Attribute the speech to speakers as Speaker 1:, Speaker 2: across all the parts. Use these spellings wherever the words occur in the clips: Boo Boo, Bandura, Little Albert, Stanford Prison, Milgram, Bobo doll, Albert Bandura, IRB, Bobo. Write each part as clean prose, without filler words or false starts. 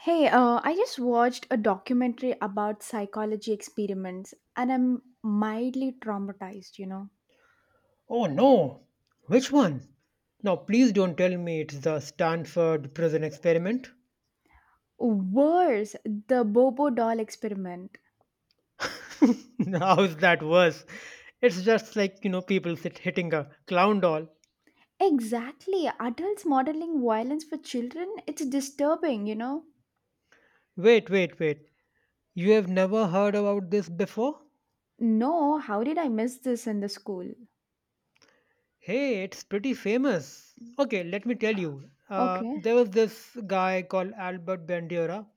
Speaker 1: Hey, I just watched a documentary about psychology experiments and I'm mildly traumatized.
Speaker 2: Oh no! Which one? Now, please don't tell me it's the Stanford prison experiment.
Speaker 1: Worse, the Bobo doll experiment.
Speaker 2: How is that worse? It's just like, you know, people sit hitting a clown doll.
Speaker 1: Exactly, adults modeling violence for children, it's disturbing.
Speaker 2: Wait, wait, wait. You have never heard about this before?
Speaker 1: No, how did I miss this in the school?
Speaker 2: Hey, it's pretty famous. Okay, let me tell you. Uh,
Speaker 1: Okay,
Speaker 2: there was this guy called Albert Bandura.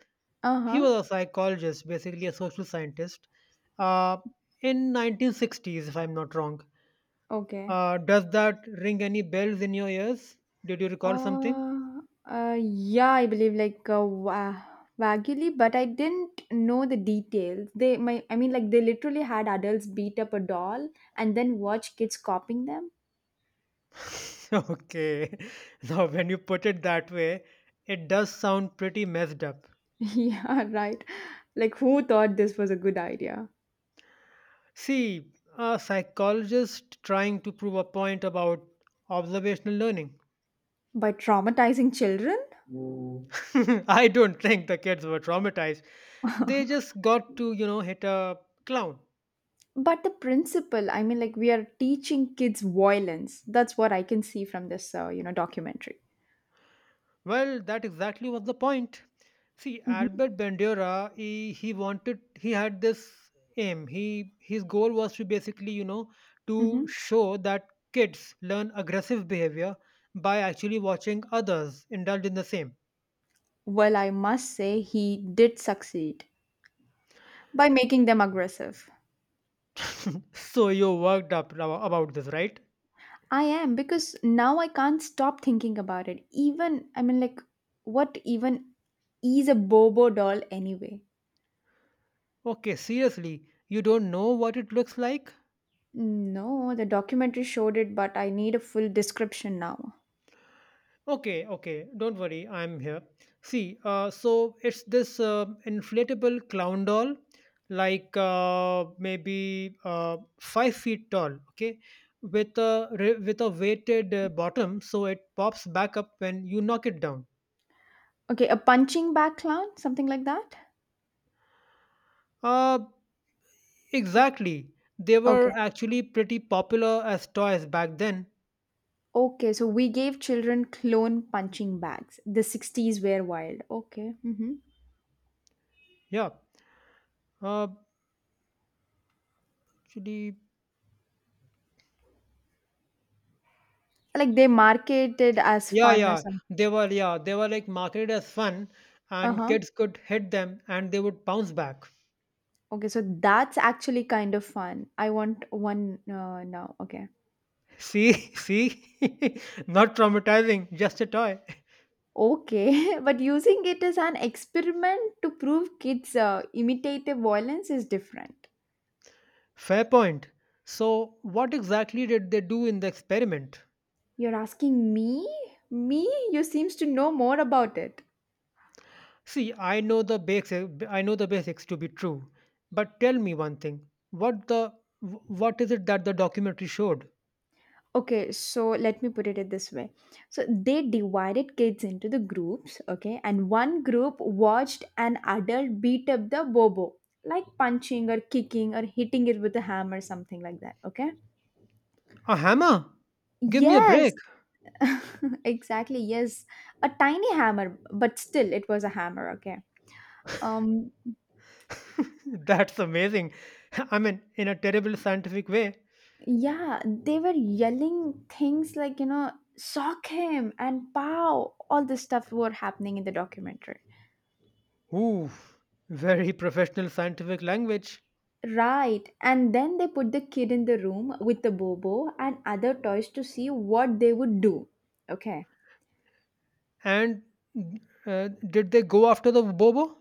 Speaker 1: uh
Speaker 2: He
Speaker 1: huh,
Speaker 2: was a psychologist, basically a social scientist, uh, in 1960s, if I'm not wrong.
Speaker 1: okay.
Speaker 2: Does that ring any bells in your ears? Did you recall something?
Speaker 1: Yeah, I believe like vaguely, but I didn't know the details. I mean, like they literally had adults beat up a doll and then watch kids copying them.
Speaker 2: Okay. Now, when you put it that way, it does sound pretty messed up.
Speaker 1: Yeah, right. Like who thought this was a good idea?
Speaker 2: See, a psychologist trying to prove a point about observational learning.
Speaker 1: By traumatizing children?
Speaker 2: I don't think the kids were traumatized. They just got to, you know, hit a clown.
Speaker 1: But the principle, I mean, like we are teaching kids violence. That's what I can see from this, documentary.
Speaker 2: Well, that exactly was the point. See,
Speaker 1: Hmm.
Speaker 2: Albert Bandura, he wanted, he had this aim. He his goal was to basically, you know,
Speaker 1: Hmm.
Speaker 2: to show that kids learn aggressive behavior by actually watching others indulge in the same.
Speaker 1: Well, I must say he did succeed, by making them aggressive.
Speaker 2: So you worked about this, right?
Speaker 1: I am, because now I can't stop thinking about it even, I mean, like, what even is a Bobo doll anyway?
Speaker 2: Okay, seriously, you don't know what it looks like?
Speaker 1: No, the documentary showed it, but I need a full description now.
Speaker 2: Okay, okay, don't worry, I'm here. See, so it's this inflatable clown doll, like maybe 5 feet tall. Okay, with a weighted bottom, so it pops back up when you knock it down.
Speaker 1: Okay, a punching bag clown, something like that.
Speaker 2: Uh, exactly. They were
Speaker 1: Okay.
Speaker 2: actually pretty popular as toys back then.
Speaker 1: Okay, so we gave children clone punching bags. The 60s were wild. Okay. Hmm.
Speaker 2: Yeah. Uh, actually.
Speaker 1: Like, they marketed as
Speaker 2: Yeah,
Speaker 1: fun or
Speaker 2: yeah.
Speaker 1: something?
Speaker 2: They were, yeah, they were like marketed as fun,
Speaker 1: Uh
Speaker 2: and
Speaker 1: huh.
Speaker 2: kids could hit them and they would bounce back.
Speaker 1: Okay, so that's actually kind of fun. I want one now. Okay.
Speaker 2: See, see? Not traumatizing, just a toy.
Speaker 1: Okay, but using it as an experiment to prove kids imitative violence is different.
Speaker 2: Fair point. So, what exactly did they do in the experiment?
Speaker 1: You're asking me? Me? You seems to know more about it.
Speaker 2: See, I know the basics to be true, but tell me one thing. What is it that the documentary showed?
Speaker 1: Okay, so let me put it this way. So they divided kids into the groups, okay, and one group watched an adult beat up the Bobo, like punching or kicking or hitting it with a hammer, something like that, okay?
Speaker 2: A hammer? Give me a
Speaker 1: Yes,
Speaker 2: break.
Speaker 1: exactly, yes, a tiny hammer, but still it was a hammer. Okay. um
Speaker 2: That's amazing. I mean, in a terrible scientific way.
Speaker 1: yeah, they were yelling things like, sock him and pow, all this stuff were happening in the documentary.
Speaker 2: Ooh, very professional scientific language.
Speaker 1: Right. And then they put the kid in the room with the Bobo and other toys to see what they would do. Okay.
Speaker 2: And did they go after the Bobo?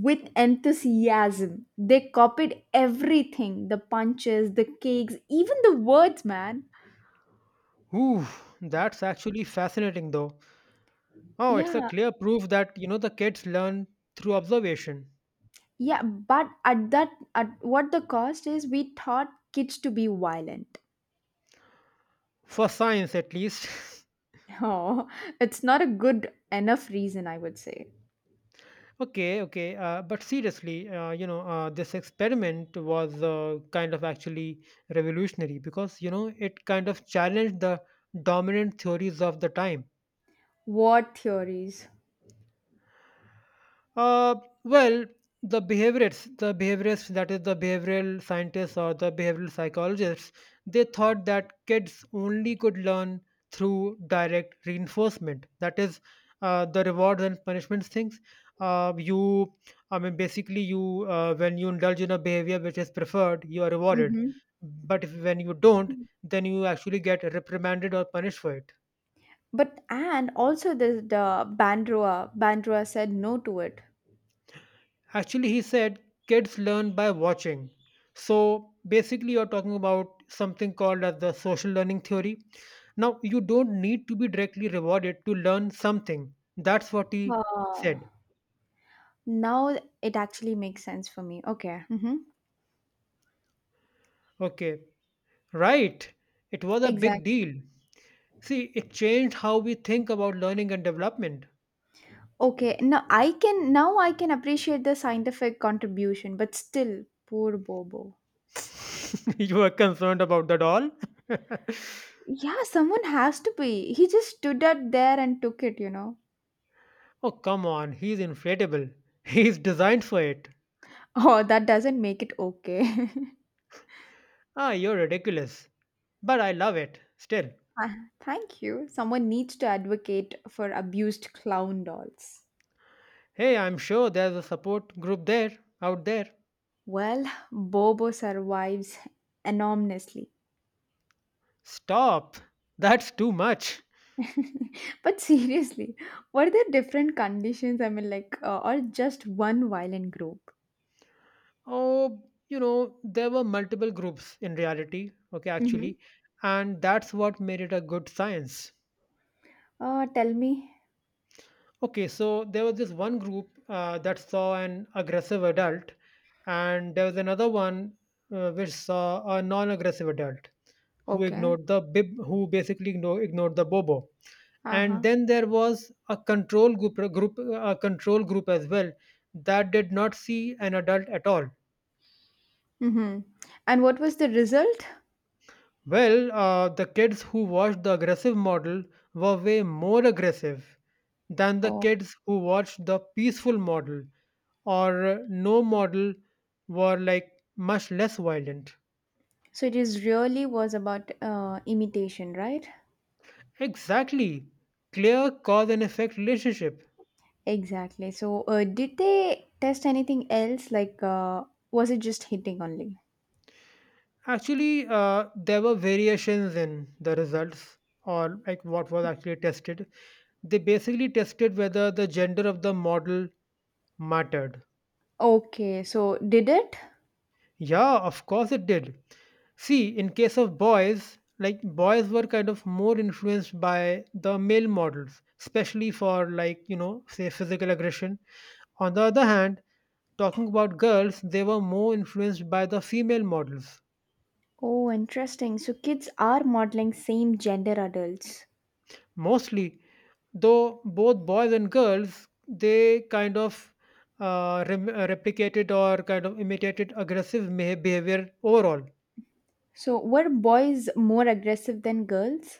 Speaker 1: With enthusiasm, they copied everything, the punches, the cakes, even the words, man.
Speaker 2: Ooh, that's actually fascinating though. Oh, it's a
Speaker 1: Yeah.
Speaker 2: clear proof that, you know, the kids learn through observation.
Speaker 1: Yeah, but at what the cost is, we taught kids to be violent.
Speaker 2: For science, at least.
Speaker 1: Oh, it's not a good enough reason, I would say.
Speaker 2: Okay, okay. But seriously, you know, this experiment was kind of actually revolutionary because, you know, it kind of challenged the dominant theories of the time.
Speaker 1: War theories.
Speaker 2: Uh, well, the behaviorists, that is, the behavioral scientists or the behavioral psychologists, they thought that kids only could learn through direct reinforcement. That is, the rewards and punishments things. Uh, you, I mean, basically, you when you indulge in a behavior which is preferred, you are rewarded.
Speaker 1: Hmm.
Speaker 2: But if, when you don't, then you actually get reprimanded or punished for it.
Speaker 1: But and also the Bandrua said no to it.
Speaker 2: Actually, he said kids learn by watching. So basically, you're talking about something called as the social learning theory. Now, you don't need to be directly rewarded to learn something. That's what he
Speaker 1: Oh.
Speaker 2: said.
Speaker 1: Now it actually makes sense for me. Okay. Mm-hmm.
Speaker 2: Okay, right. It was a big
Speaker 1: Exactly.
Speaker 2: deal. See, it changed how we think about learning and development.
Speaker 1: Okay, now I can appreciate the scientific contribution, but still, poor Bobo.
Speaker 2: You were concerned about that all?
Speaker 1: Yeah, someone has to be. He just stood out there and took it.
Speaker 2: Oh, come on. He's inflatable. He's designed for it.
Speaker 1: Oh, that doesn't make it okay.
Speaker 2: Ah, you're ridiculous. But I love it still.
Speaker 1: Ah, thank you. Someone needs to advocate for abused clown dolls.
Speaker 2: Hey, I'm sure there's a support group there, out there.
Speaker 1: Well, Bobo survives enormously.
Speaker 2: Stop! That's too much.
Speaker 1: But seriously, were there different conditions? I mean, like, or just one violent group?
Speaker 2: Oh, you know, there were multiple groups in reality, okay,
Speaker 1: Mm-hmm.
Speaker 2: actually, and that's what made it a good science.
Speaker 1: Tell me.
Speaker 2: Okay, so there was this one group that saw an aggressive adult, and there was another one which saw a non aggressive adult who
Speaker 1: Okay.
Speaker 2: ignored the bib, who basically ignored the bobo, and
Speaker 1: Uh-huh.
Speaker 2: then there was a control group, group a control group as well, that did not see an adult at all.
Speaker 1: Mm-hmm. And what was the result?
Speaker 2: The kids who watched the aggressive model were way more aggressive than the
Speaker 1: Oh,
Speaker 2: kids who watched the peaceful model, or no model, were like much less violent.
Speaker 1: so it is really was about imitation, right?
Speaker 2: Exactly, clear cause and effect relationship.
Speaker 1: Exactly. So did they test anything else? Like, was it just hitting only?
Speaker 2: Actually, there were variations in the results, or like what was actually tested. They basically tested whether the gender of the model mattered.
Speaker 1: Okay. So did it?
Speaker 2: Yeah, of course it did. See, in case of boys, like boys were kind of more influenced by the male models, especially for like, you know, say physical aggression. On the other hand, talking about girls, they were more influenced by the female models.
Speaker 1: Oh, interesting. So kids are modeling same gender adults.
Speaker 2: Mostly, though both boys and girls they kind of replicated or kind of imitated aggressive behavior overall.
Speaker 1: So were boys more aggressive than girls?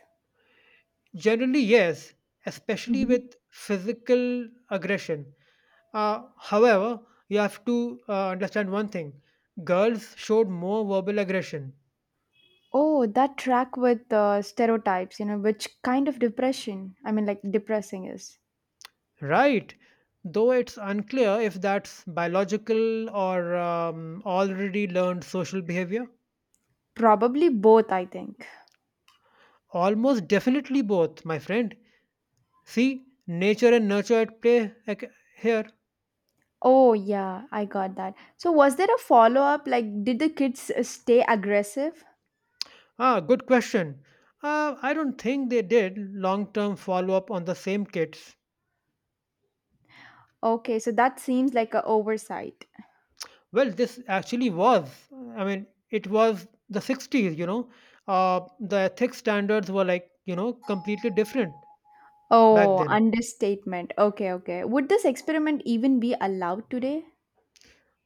Speaker 2: Generally yes, especially with
Speaker 1: Mm-hmm.
Speaker 2: physical aggression. However, you have to understand one thing. Girls showed more verbal aggression.
Speaker 1: Oh, that track with stereotypes, which kind of depression, I mean, like depressing is.
Speaker 2: Right, though it's unclear if that's biological or already learned social behavior.
Speaker 1: Probably both, I think.
Speaker 2: Almost definitely both, my friend. See, nature and nurture at play here.
Speaker 1: Oh, yeah, I got that. So, was there a follow up? Like, did the kids stay aggressive?
Speaker 2: Ah, good question. I don't think they did long term follow up on the same kids.
Speaker 1: Okay, so that seems like a oversight.
Speaker 2: Well, this actually was, I mean, it was the 60s, you know. The ethics standards were, like, you know, completely different back
Speaker 1: Oh,
Speaker 2: then.
Speaker 1: understatement. Okay, okay. Would this experiment even be allowed today?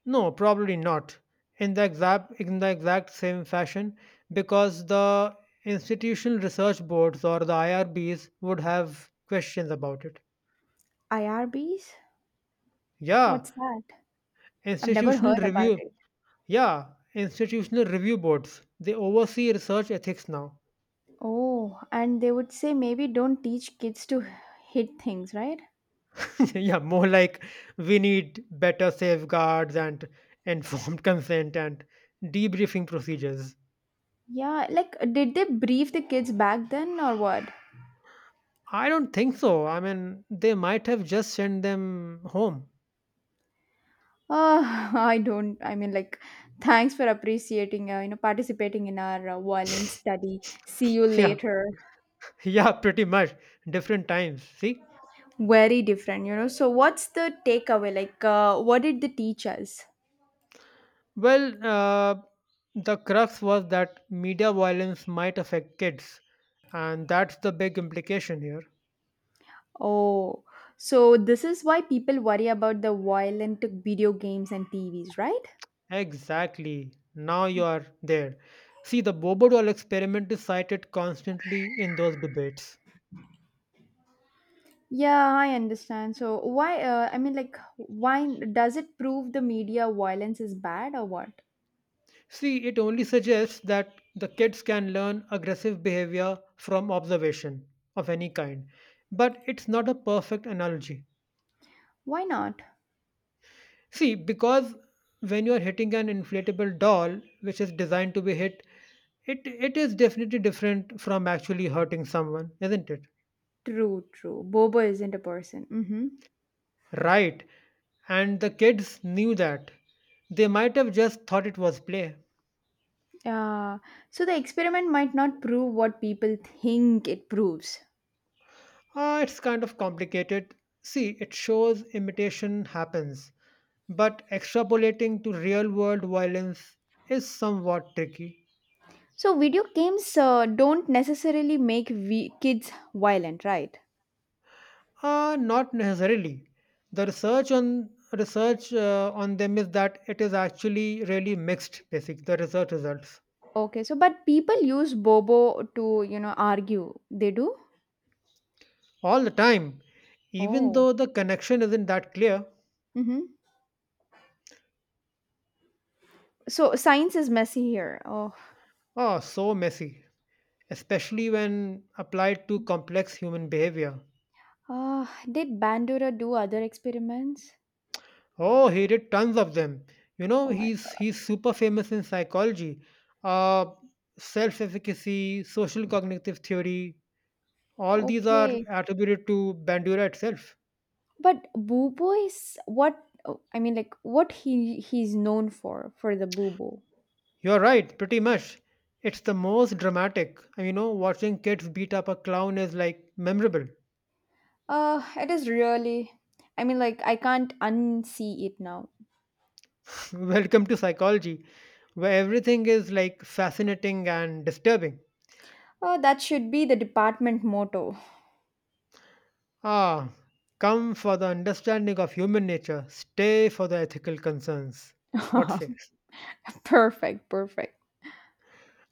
Speaker 2: No, probably not in the exact in the exact same fashion, because the institutional research boards, or the IRBs, would have questions about it.
Speaker 1: IRBs?
Speaker 2: Yeah,
Speaker 1: What's that? I've never
Speaker 2: institutional
Speaker 1: heard about
Speaker 2: review,
Speaker 1: it.
Speaker 2: yeah, institutional review boards. They oversee research ethics now.
Speaker 1: Oh, and they would say maybe don't teach kids to hit things, right?
Speaker 2: Yeah, more like we need better safeguards and informed consent and debriefing procedures.
Speaker 1: Yeah, like, did they brief the kids back then or what?
Speaker 2: I don't think so. I mean, they might have just sent them home.
Speaker 1: Uh, I don't. I mean, like, thanks for appreciating, participating in our violin study. See you
Speaker 2: Yeah,
Speaker 1: later.
Speaker 2: yeah, pretty much. Different times. See?
Speaker 1: Very different. So, what's the takeaway? Like, what did the teach us?
Speaker 2: Well, the crux was that media violence might affect kids, and that's the big implication here.
Speaker 1: Oh, so this is why people worry about the violent video games and TVs, right?
Speaker 2: Exactly. Now you are there. See, the Bobodol experiment is cited constantly in those debates.
Speaker 1: Yeah, I understand. So, why? I mean, like, why does it prove the media violence is bad or what?
Speaker 2: See, it only suggests that the kids can learn aggressive behavior from observation of any kind. But it's not a perfect analogy.
Speaker 1: Why not?
Speaker 2: See, because when you are hitting an inflatable doll, which is designed to be hit, it is definitely different from actually hurting someone, isn't it?
Speaker 1: True, true. Bobo isn't a person. Mm-hmm.
Speaker 2: Right. And the kids knew that. They might have just thought it was play.
Speaker 1: Yeah, so the experiment might not prove what people think it proves.
Speaker 2: Ah, it's kind of complicated. See, it shows imitation happens, but extrapolating to real world violence is somewhat tricky.
Speaker 1: So video games don't necessarily make kids violent, right?
Speaker 2: Not necessarily. The research on them is that it is actually really mixed. Basic the research results
Speaker 1: Okay, so but people use Bobo to argue. They do.
Speaker 2: all the time, even
Speaker 1: Oh.
Speaker 2: though the connection isn't that clear.
Speaker 1: Mm-hmm. So science is messy here. Oh.
Speaker 2: Oh, so messy, especially when applied to complex human behavior.
Speaker 1: Uh, did Bandura do other experiments?
Speaker 2: Oh, he did tons of them. You know,
Speaker 1: Oh my
Speaker 2: he's
Speaker 1: god.
Speaker 2: he's super famous in psychology, uh, self-efficacy, social cognitive theory. All these are
Speaker 1: Okay.
Speaker 2: attributed to Bandura itself.
Speaker 1: But Bubo is what, oh, I mean like what he's known for the Bubo.
Speaker 2: You're right, pretty much. It's the most dramatic. And, you know, watching kids beat up a clown is like memorable.
Speaker 1: It is really. I mean, like, I can't unsee it now.
Speaker 2: Welcome to psychology, where everything is like fascinating and disturbing.
Speaker 1: Oh, that should be the department motto.
Speaker 2: Ah, come for the understanding of human nature, stay for the ethical concerns. What say?
Speaker 1: Perfect, perfect.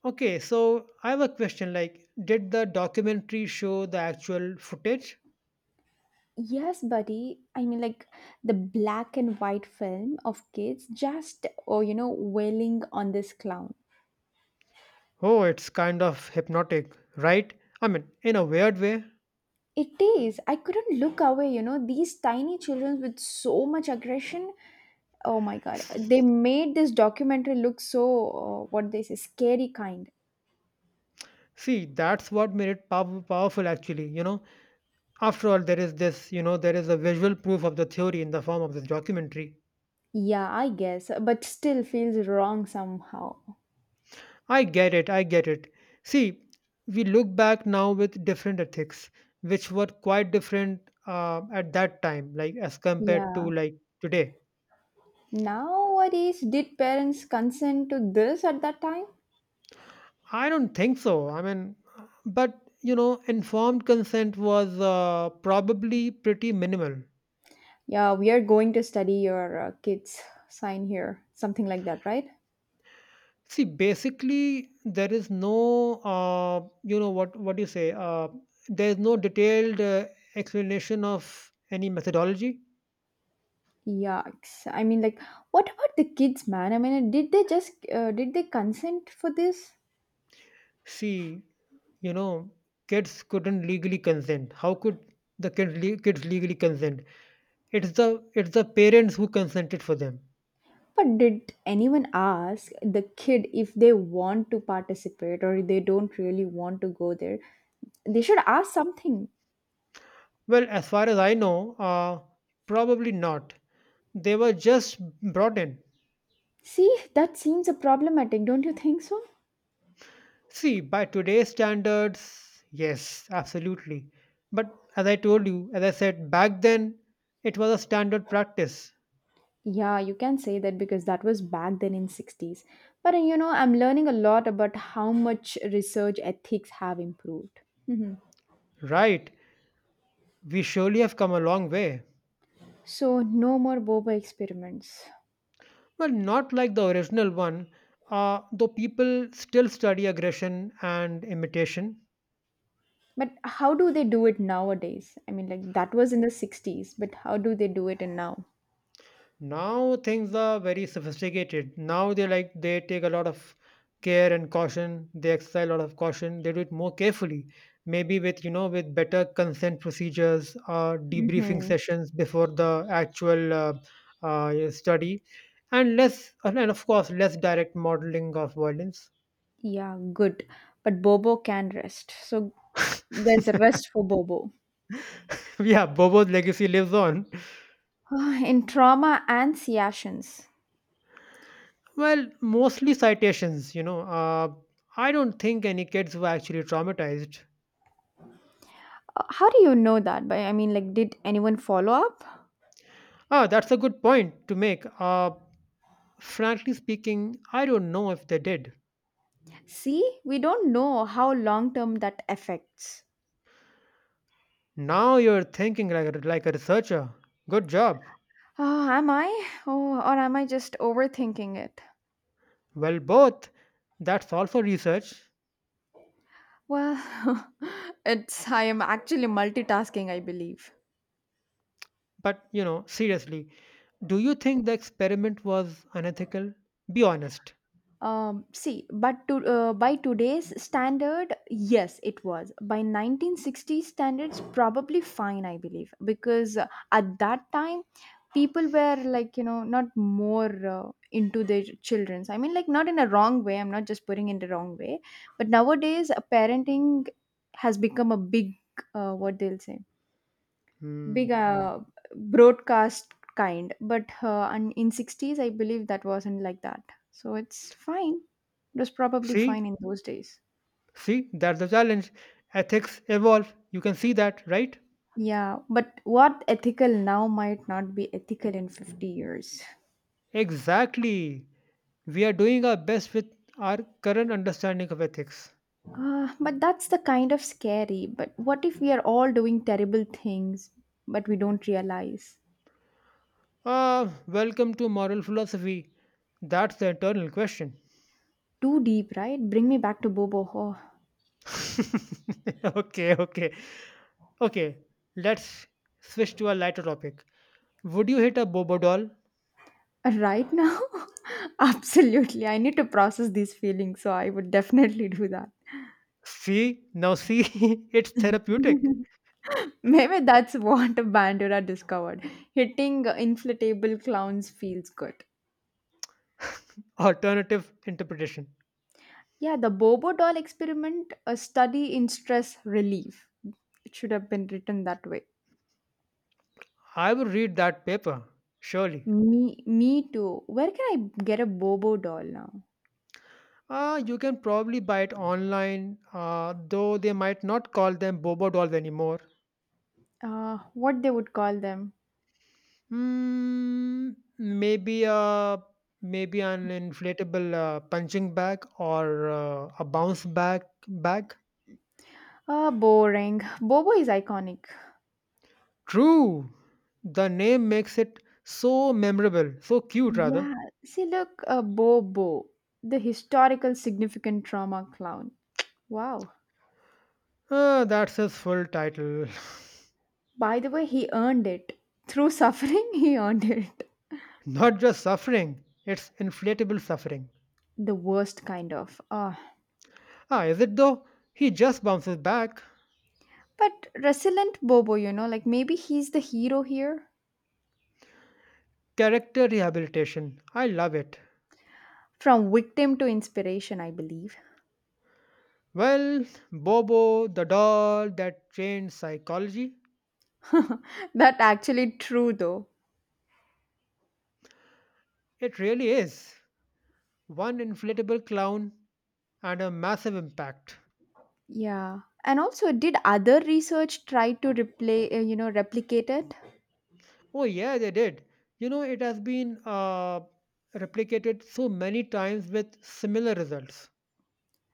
Speaker 2: Okay, so I have a question, like, did the documentary show the actual footage?
Speaker 1: Yes, buddy. I mean, like, the black and white film of kids just, oh, wailing on this clown.
Speaker 2: Oh, it's kind of hypnotic, right? I mean, in a weird way.
Speaker 1: It is. I couldn't look away, these tiny children with so much aggression. Oh my god.
Speaker 2: S-
Speaker 1: They made this documentary look so, what they say, scary kind.
Speaker 2: See, that's what made it powerful, actually. You know, after all, there is this, you know, there is a visual proof of the theory in the form of this documentary.
Speaker 1: Yeah, I guess, but still feels wrong somehow.
Speaker 2: I get it. I get it. See, we look back now with different ethics, which were quite different at that time, like as compared to
Speaker 1: Yeah.
Speaker 2: like today.
Speaker 1: Nowadays, did parents consent to this at that time?
Speaker 2: I don't think so. I mean, but you know, informed consent was probably pretty minimal.
Speaker 1: Yeah, we are going to study your kids, sign here, something like that, right?
Speaker 2: See, basically, there is no, you know, what do you say? There is no detailed explanation of any methodology.
Speaker 1: Yucks. I mean, like, what about the kids, man? I mean, did they consent for this?
Speaker 2: See, you know, kids couldn't legally consent. How could the kids legally consent? It's the parents who consented for them.
Speaker 1: But did anyone ask the kid if they want to participate or if they don't really want to go there? They should ask something.
Speaker 2: Well, as far as I know, probably not. They were just brought in.
Speaker 1: See, that seems a problematic, don't you think so?
Speaker 2: See, by today's standards, yes, absolutely. But as I told you, as I said, back then it was a standard practice,
Speaker 1: Yeah, you can say that because that was back then in 60s. But I'm learning a lot about how much research ethics have improved. Mhm.
Speaker 2: right? We surely have come a long way.
Speaker 1: So no more boba experiments.
Speaker 2: Well, not like the original one, though people still study aggression and imitation.
Speaker 1: But how do they do it nowadays? I mean, like that was in the 60s, but how do they do it in now?
Speaker 2: Now things are very sophisticated. Now they like they take a lot of care and caution. They exercise a lot of caution. They do it more carefully, maybe with, you know, with better consent procedures, debriefing
Speaker 1: Hmm.
Speaker 2: sessions before the actual study, and less, and of course less direct modeling of violence.
Speaker 1: Yeah, good. But Bobo can rest. So there's a rest for Bobo.
Speaker 2: Yeah, Bobo's legacy lives on.
Speaker 1: In trauma and Siations.
Speaker 2: Well, mostly citations, you know. I don't think any kids were actually traumatized.
Speaker 1: How do you know that? But I mean, like, did anyone follow up?
Speaker 2: Ah, that's a good point to make. Frankly speaking, I don't know if they did.
Speaker 1: See, we don't know how long term that affects.
Speaker 2: Now you're thinking like a researcher. Good job.
Speaker 1: Oh, am I? Oh, or am I just overthinking it?
Speaker 2: Well, both. That's also research.
Speaker 1: Well, it's I am actually multitasking, I believe.
Speaker 2: But, you know, seriously, do you think the experiment was unethical? Be honest.
Speaker 1: See, but by today's standard, yes, it was. By 1960 standards, probably fine, I believe, because at that time people were like, not more into their children's, I mean, like, not in a wrong way. I'm not just putting in the wrong way, but nowadays parenting has become a big, what they'll say,
Speaker 2: Hmm.
Speaker 1: big
Speaker 2: Hmm.
Speaker 1: broadcast kind. But and in 60s I believe that wasn't like that, so it's fine. It was probably
Speaker 2: See?
Speaker 1: fine in those days.
Speaker 2: See? That's the challenge. Ethics evolve. You can see that, right?
Speaker 1: Yeah, but what ethical now might not be ethical in 50 years.
Speaker 2: Exactly. We are doing our best with our current understanding of ethics.
Speaker 1: But that's the kind of scary. But what if we are all doing terrible things, but we don't realize?
Speaker 2: Ah, welcome to moral philosophy. That's the eternal question.
Speaker 1: Too deep, right? Bring me back to Bobo. Oh,
Speaker 2: Okay, okay. Okay, let's switch to a lighter topic. Would you hit a bobo doll?
Speaker 1: right now? Absolutely. I need to process these feelings, so I would definitely do that.
Speaker 2: See, now see, it's therapeutic.
Speaker 1: Maybe that's what Bandura discovered. Hitting inflatable clowns feels good.
Speaker 2: Alternative interpretation.
Speaker 1: Yeah, the Bobo doll experiment, a study in stress relief. It should have been written that way.
Speaker 2: I would read that paper, surely.
Speaker 1: Me, me too. Where can I get a Bobo doll now?
Speaker 2: You can probably buy it online, though they might not call them bobo dolls anymore.
Speaker 1: What they would call them?
Speaker 2: Mm, maybe an inflatable punching bag or a bounce back bag.
Speaker 1: Boring. Bobo is iconic.
Speaker 2: True, the name makes it so memorable, so cute rather.
Speaker 1: Yeah, see, look, a Bobo, the historical significant trauma clown. Wow.
Speaker 2: Ah, that's his full title.
Speaker 1: By the way, he earned it. Through suffering, he earned it.
Speaker 2: Not just suffering, it's inflatable suffering.
Speaker 1: The worst kind of. Ah,
Speaker 2: Ah, is it though? He just bounces back.
Speaker 1: but resilient Bobo, like maybe he's the hero here.
Speaker 2: Character rehabilitation. I love it.
Speaker 1: From victim to inspiration, I believe.
Speaker 2: Well, Bobo, the doll that changed psychology,
Speaker 1: That actually true though.
Speaker 2: it really is. One inflatable clown and a massive impact.
Speaker 1: Yeah. And also, did other research try to replay, replicate it?
Speaker 2: Oh, yeah, they did. You know, it has been replicated so many times with similar results.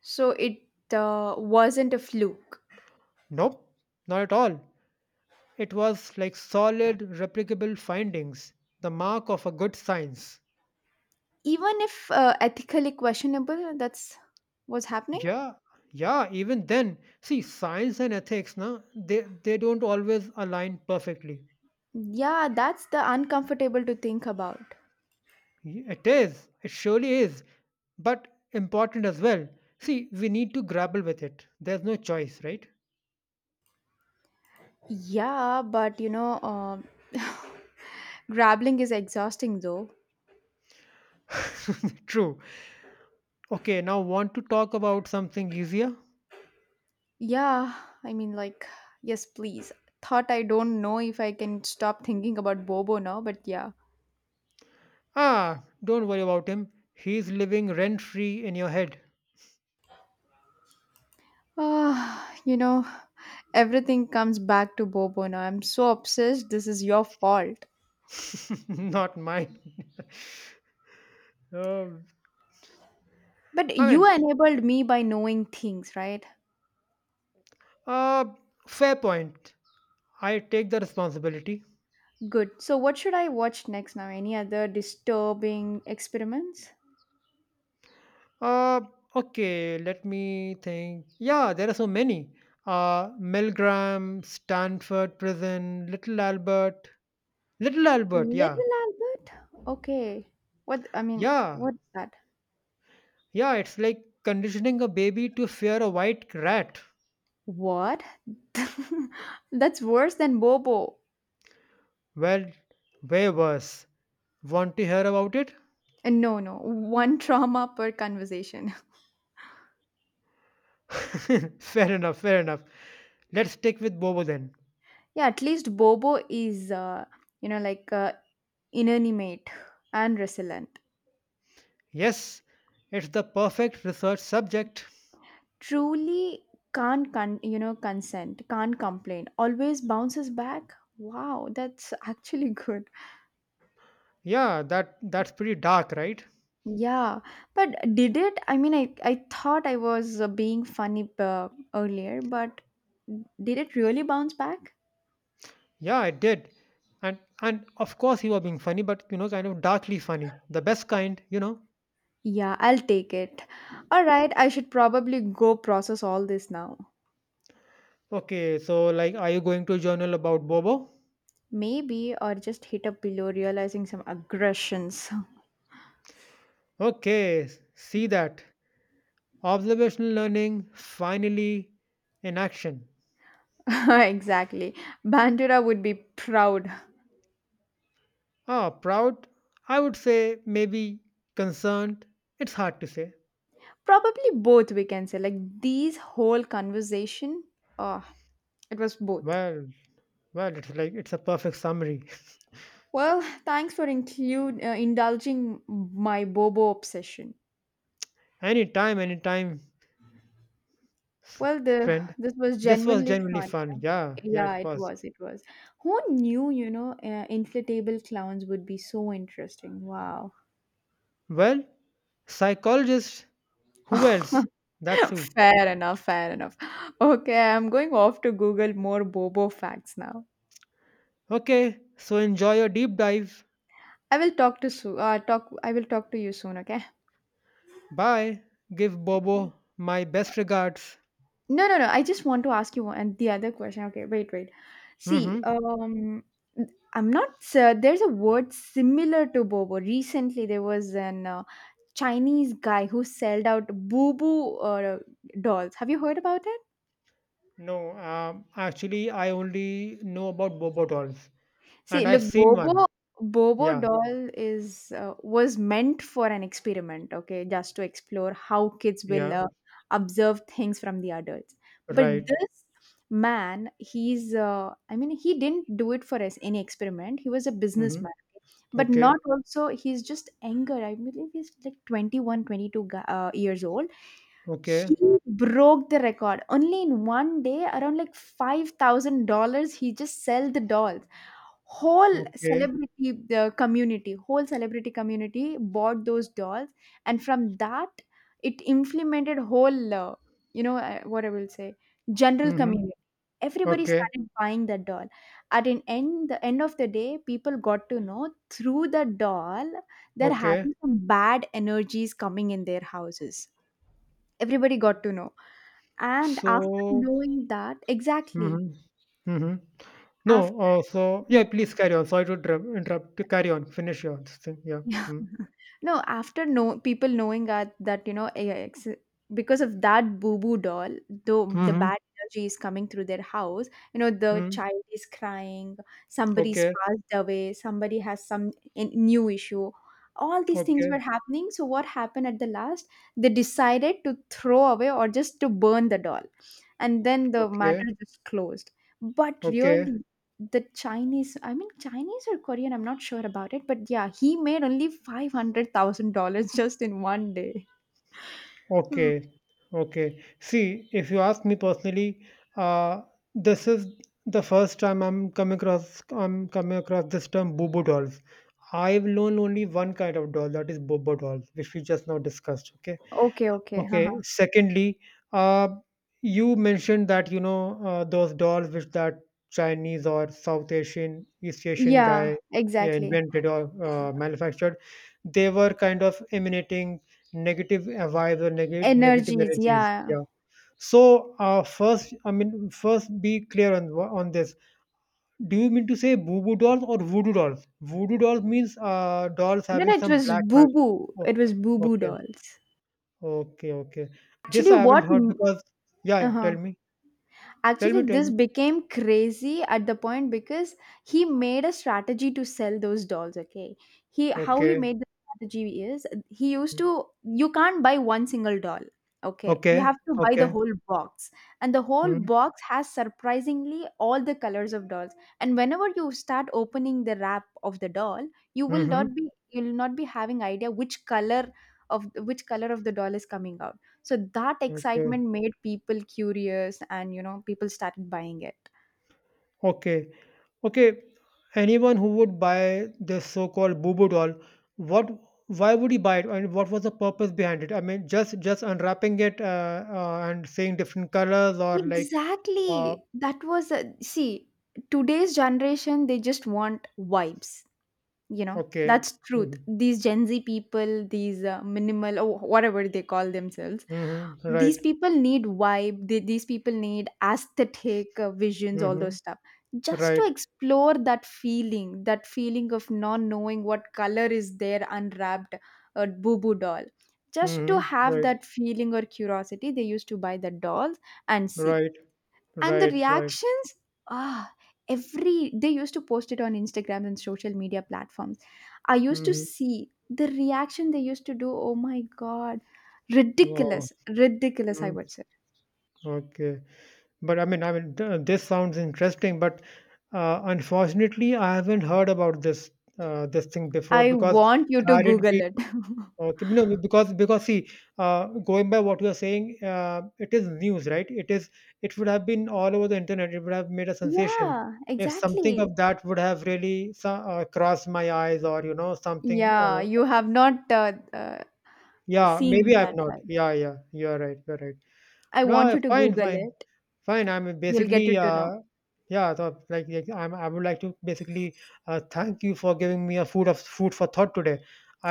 Speaker 1: So it wasn't a fluke.
Speaker 2: Nope, not at all. It was like solid, replicable findings, the mark of a good science.
Speaker 1: Even if ethically questionable, that's what's happening.
Speaker 2: Yeah, yeah, even then, see, science and ethics, na, they don't always align perfectly.
Speaker 1: Yeah, that's the uncomfortable to think about.
Speaker 2: Y- It is. It surely is. But important as well. See, we need to grapple with it. There's no choice, right?
Speaker 1: Yeah, but grabbling is exhausting though.
Speaker 2: True. Okay, now want to talk about something easier?
Speaker 1: Yeah, I mean, like, yes, please. Thought I don't know if I can stop thinking about Bobo now, but yeah.
Speaker 2: Ah, don't worry about him. He's living rent free in your head.
Speaker 1: Ah, everything comes back to Bobo now. I'm so obsessed. This is your fault.
Speaker 2: Not mine. Um
Speaker 1: But
Speaker 2: I
Speaker 1: you
Speaker 2: mean,
Speaker 1: enabled me by knowing things, right?
Speaker 2: uh, Fair point. I take the responsibility.
Speaker 1: Good. So, what should I watch next now? Any other disturbing experiments?
Speaker 2: Uh, okay, let me think. Yeah, there are so many. Milgram, Stanford Prison, Little Albert. Little Albert, yeah.
Speaker 1: Little Albert? Okay. What, I mean,
Speaker 2: Yeah,
Speaker 1: what's that?
Speaker 2: yeah, it's like conditioning a baby to fear a white rat.
Speaker 1: What? That's worse than Bobo.
Speaker 2: Well, way worse. Want to hear about it?
Speaker 1: And no, no, one trauma per conversation.
Speaker 2: Fair enough, fair enough. Let's stick with Bobo then.
Speaker 1: Yeah, at least Bobo is, like inanimate and resilient.
Speaker 2: Yes, it's the perfect research subject.
Speaker 1: Truly can't, consent, can't complain, always bounces back. Wow, that's actually good.
Speaker 2: Yeah, that's pretty dark, right?
Speaker 1: Yeah, but did it? I mean, I thought I was being funny earlier, but did it really bounce back?
Speaker 2: Yeah, I did. And of course you were being funny, but you know, kind of darkly funny. The best kind, you know.
Speaker 1: Yeah, I'll take it. All right, I should probably go process all this now.
Speaker 2: Okay, so like are you going to a journal about Bobo?
Speaker 1: Maybe, or just hit a pillow, realizing some aggressions.
Speaker 2: Okay, s- see that. Observational learning finally in action.
Speaker 1: Exactly. Bandura would be proud.
Speaker 2: Ah, proud? I would say maybe concerned. It's hard to say.
Speaker 1: Probably both, we can say. Like, these whole conversation, oh, it was both.
Speaker 2: Well, well, it's like it's a perfect summary.
Speaker 1: Well, thanks for include indulging my Bobo obsession.
Speaker 2: Anytime, anytime,
Speaker 1: Well, the
Speaker 2: friend.
Speaker 1: this was
Speaker 2: This was
Speaker 1: genuinely
Speaker 2: genuinely
Speaker 1: fun.
Speaker 2: fun. Yeah, yeah,
Speaker 1: Yeah,
Speaker 2: it
Speaker 1: it
Speaker 2: was.
Speaker 1: was. It was. Who knew, inflatable clowns would be so interesting? Wow.
Speaker 2: Well, psychologist. Who else? That's who.
Speaker 1: Fair enough, fair enough. Okay, I'm going off to Google more Bobo facts now.
Speaker 2: Okay, so enjoy your deep dive.
Speaker 1: I will talk to so. Talk. I will talk to you soon. Okay.
Speaker 2: Bye. Give Bobo my best regards.
Speaker 1: No, no, no. I just want to ask you one and the other question. Okay, wait, wait. See,
Speaker 2: Mm-hmm.
Speaker 1: I'm not. There's a word similar to Bobo. Recently, there was an Chinese guy who sold out Boo Boo dolls. Have you heard about it?
Speaker 2: No, actually, I only know about Bobo dolls,
Speaker 1: See,
Speaker 2: and I've
Speaker 1: look,
Speaker 2: seen one.
Speaker 1: Bobo
Speaker 2: Yeah,
Speaker 1: doll is was meant for an experiment, okay, just to explore how kids will
Speaker 2: yeah,
Speaker 1: observe things from the adults. But
Speaker 2: right.
Speaker 1: this man, he's I mean, he didn't do it for us any experiment. He was a
Speaker 2: Mm-hmm.
Speaker 1: businessman, but
Speaker 2: Okay,
Speaker 1: not also he's just anger. I believe he's like twenty one, twenty two 22 years old.
Speaker 2: okay,
Speaker 1: He broke the record. Only in one day, around like $5,000, he just sell the dolls. Whole
Speaker 2: okay.
Speaker 1: celebrity the community, whole celebrity community bought those dolls, and from that, it implemented whole, you know, what I will say, general
Speaker 2: Mm-hmm.
Speaker 1: community. Everybody
Speaker 2: Okay,
Speaker 1: started buying that doll. The end of the day, people got to know through the doll they're
Speaker 2: okay.
Speaker 1: having some bad energies coming in their houses. Everybody got to know. And after
Speaker 2: So,
Speaker 1: knowing that exactly.
Speaker 2: mm-hmm. Mm-hmm. No,
Speaker 1: After
Speaker 2: so yeah, please carry on. Sorry to interrupt. Carry on. Finish your thing. Yeah. Mm-hmm.
Speaker 1: no, after no people knowing that, AIX, because of that boo-boo doll, though the
Speaker 2: Mm-hmm.
Speaker 1: bad energy is coming through their house, you know, the
Speaker 2: Mm-hmm.
Speaker 1: child is crying, somebody's
Speaker 2: Okay.
Speaker 1: passed away, somebody has some new issue. All these things
Speaker 2: Okay,
Speaker 1: were happening. So what happened at the last? They decided to throw away or just to burn the doll. And then the
Speaker 2: okay,
Speaker 1: matter just closed. But
Speaker 2: okay,
Speaker 1: really, the Chinese, I mean Chinese or Korean, I'm not sure about it, but yeah, he made only $500,000 just in one day. Mhm.
Speaker 2: okay, okay. See, if you ask me personally, uh, this is the first time I'm coming across this term boobo dolls. I've known only one kind of doll, that is bobo dolls, which we just now discussed. Okay,
Speaker 1: Okay, okay,
Speaker 2: okay. Secondly, uh, you mentioned that you know those dolls which that Chinese or South Asian, East Asian
Speaker 1: yeah,
Speaker 2: guy yeah,
Speaker 1: exactly.
Speaker 2: invented or manufactured. They were kind of emanating negative vibes or negative
Speaker 1: Energies,
Speaker 2: energies.
Speaker 1: yeah.
Speaker 2: Yeah. So first, I mean, first be clear on wha- on this. Do you mean to say boo boo dolls or voodoo dolls? Voodoo dolls means dolls
Speaker 1: Then
Speaker 2: having
Speaker 1: it
Speaker 2: some
Speaker 1: was
Speaker 2: black
Speaker 1: Boo
Speaker 2: magic.
Speaker 1: Boo.
Speaker 2: Oh,
Speaker 1: It was Boo Boo
Speaker 2: okay.
Speaker 1: dolls.
Speaker 2: Okay, okay. This
Speaker 1: Actually,
Speaker 2: I haven't
Speaker 1: what?
Speaker 2: heard because yeah, yeah,
Speaker 1: Uh
Speaker 2: tell me. Tell me,
Speaker 1: Actually,
Speaker 2: tell
Speaker 1: this
Speaker 2: me.
Speaker 1: became crazy at the point because he made a strategy to sell those dolls. Okay, he how he
Speaker 2: Okay.
Speaker 1: made the strategy is he used
Speaker 2: Mm,
Speaker 1: to you can't buy one single doll. Okay, you
Speaker 2: okay.
Speaker 1: have to buy the
Speaker 2: Okay.
Speaker 1: whole box, and the whole
Speaker 2: Mm,
Speaker 1: box has surprisingly all the colors of dolls. And whenever you start opening the wrap of the doll,
Speaker 2: mm-hmm.
Speaker 1: you will not be having idea which color of the doll is coming out, so that
Speaker 2: Okay.
Speaker 1: excitement made people curious, and you know people started buying it.
Speaker 2: Okay. Okay. Anyone who would buy this so-called boo-boo doll, what why would he buy it and what was the purpose behind it? I mean, just unwrapping it and seeing different colors or like uh
Speaker 1: Exactly. That was a see today's generation they just want vibes.
Speaker 2: okay.
Speaker 1: That's truth.
Speaker 2: Mm-hmm.
Speaker 1: These Gen Z people, these minimal or whatever they call themselves,
Speaker 2: Mm-hmm. Right.
Speaker 1: these people need vibe. These people need aesthetic visions, all
Speaker 2: Mm-hmm.
Speaker 1: those stuff, just to
Speaker 2: Right.
Speaker 1: explore that feeling, that feeling of not knowing what color is there, unwrapped a boo boo doll, just to
Speaker 2: Mm-hmm.
Speaker 1: have
Speaker 2: Right.
Speaker 1: that feeling or curiosity, they used to buy the dolls and see.
Speaker 2: Right.
Speaker 1: And the
Speaker 2: Right. Right.
Speaker 1: reactions, ah every they used to post it on Instagram and social media platforms. I used to
Speaker 2: Mm-hmm.
Speaker 1: see the reaction they used to do, oh my God,
Speaker 2: Wow.
Speaker 1: ridiculous, ridiculous, I
Speaker 2: Mm,
Speaker 1: would say.
Speaker 2: okay, but th- this sounds interesting, but unfortunately, I haven't heard about this this thing before
Speaker 1: I
Speaker 2: because
Speaker 1: want you to
Speaker 2: had it
Speaker 1: Google
Speaker 2: be
Speaker 1: it.
Speaker 2: okay, you know, because see, going by what you are saying, it is news, right? It is it would have been all over the internet. It would have made a sensation
Speaker 1: Yeah,
Speaker 2: if something
Speaker 1: exactly.
Speaker 2: of that would have really so- crossed my eyes, or you know, something.
Speaker 1: Yeah, you have not uh,
Speaker 2: Yeah,
Speaker 1: seen
Speaker 2: maybe I've
Speaker 1: that
Speaker 2: not.
Speaker 1: side.
Speaker 2: Yeah, yeah, you're right. You're right.
Speaker 1: I want
Speaker 2: No,
Speaker 1: you to
Speaker 2: fine,
Speaker 1: Google
Speaker 2: fine.
Speaker 1: it.
Speaker 2: Fine.
Speaker 1: You'll get it to know.
Speaker 2: Yeah, so like, I would like to basically thank you for giving me a food of food for thought today.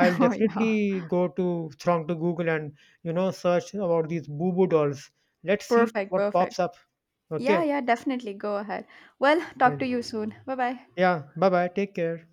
Speaker 1: Oh yeah,
Speaker 2: definitely go to Google and you know search about these boo boo dolls. Let's see
Speaker 1: perfect,
Speaker 2: what pops
Speaker 1: perfect.
Speaker 2: up. Okay,
Speaker 1: Yeah, yeah, definitely go ahead. Well, talk
Speaker 2: fine.
Speaker 1: to you soon. Bye bye.
Speaker 2: Yeah. Bye bye. Take care.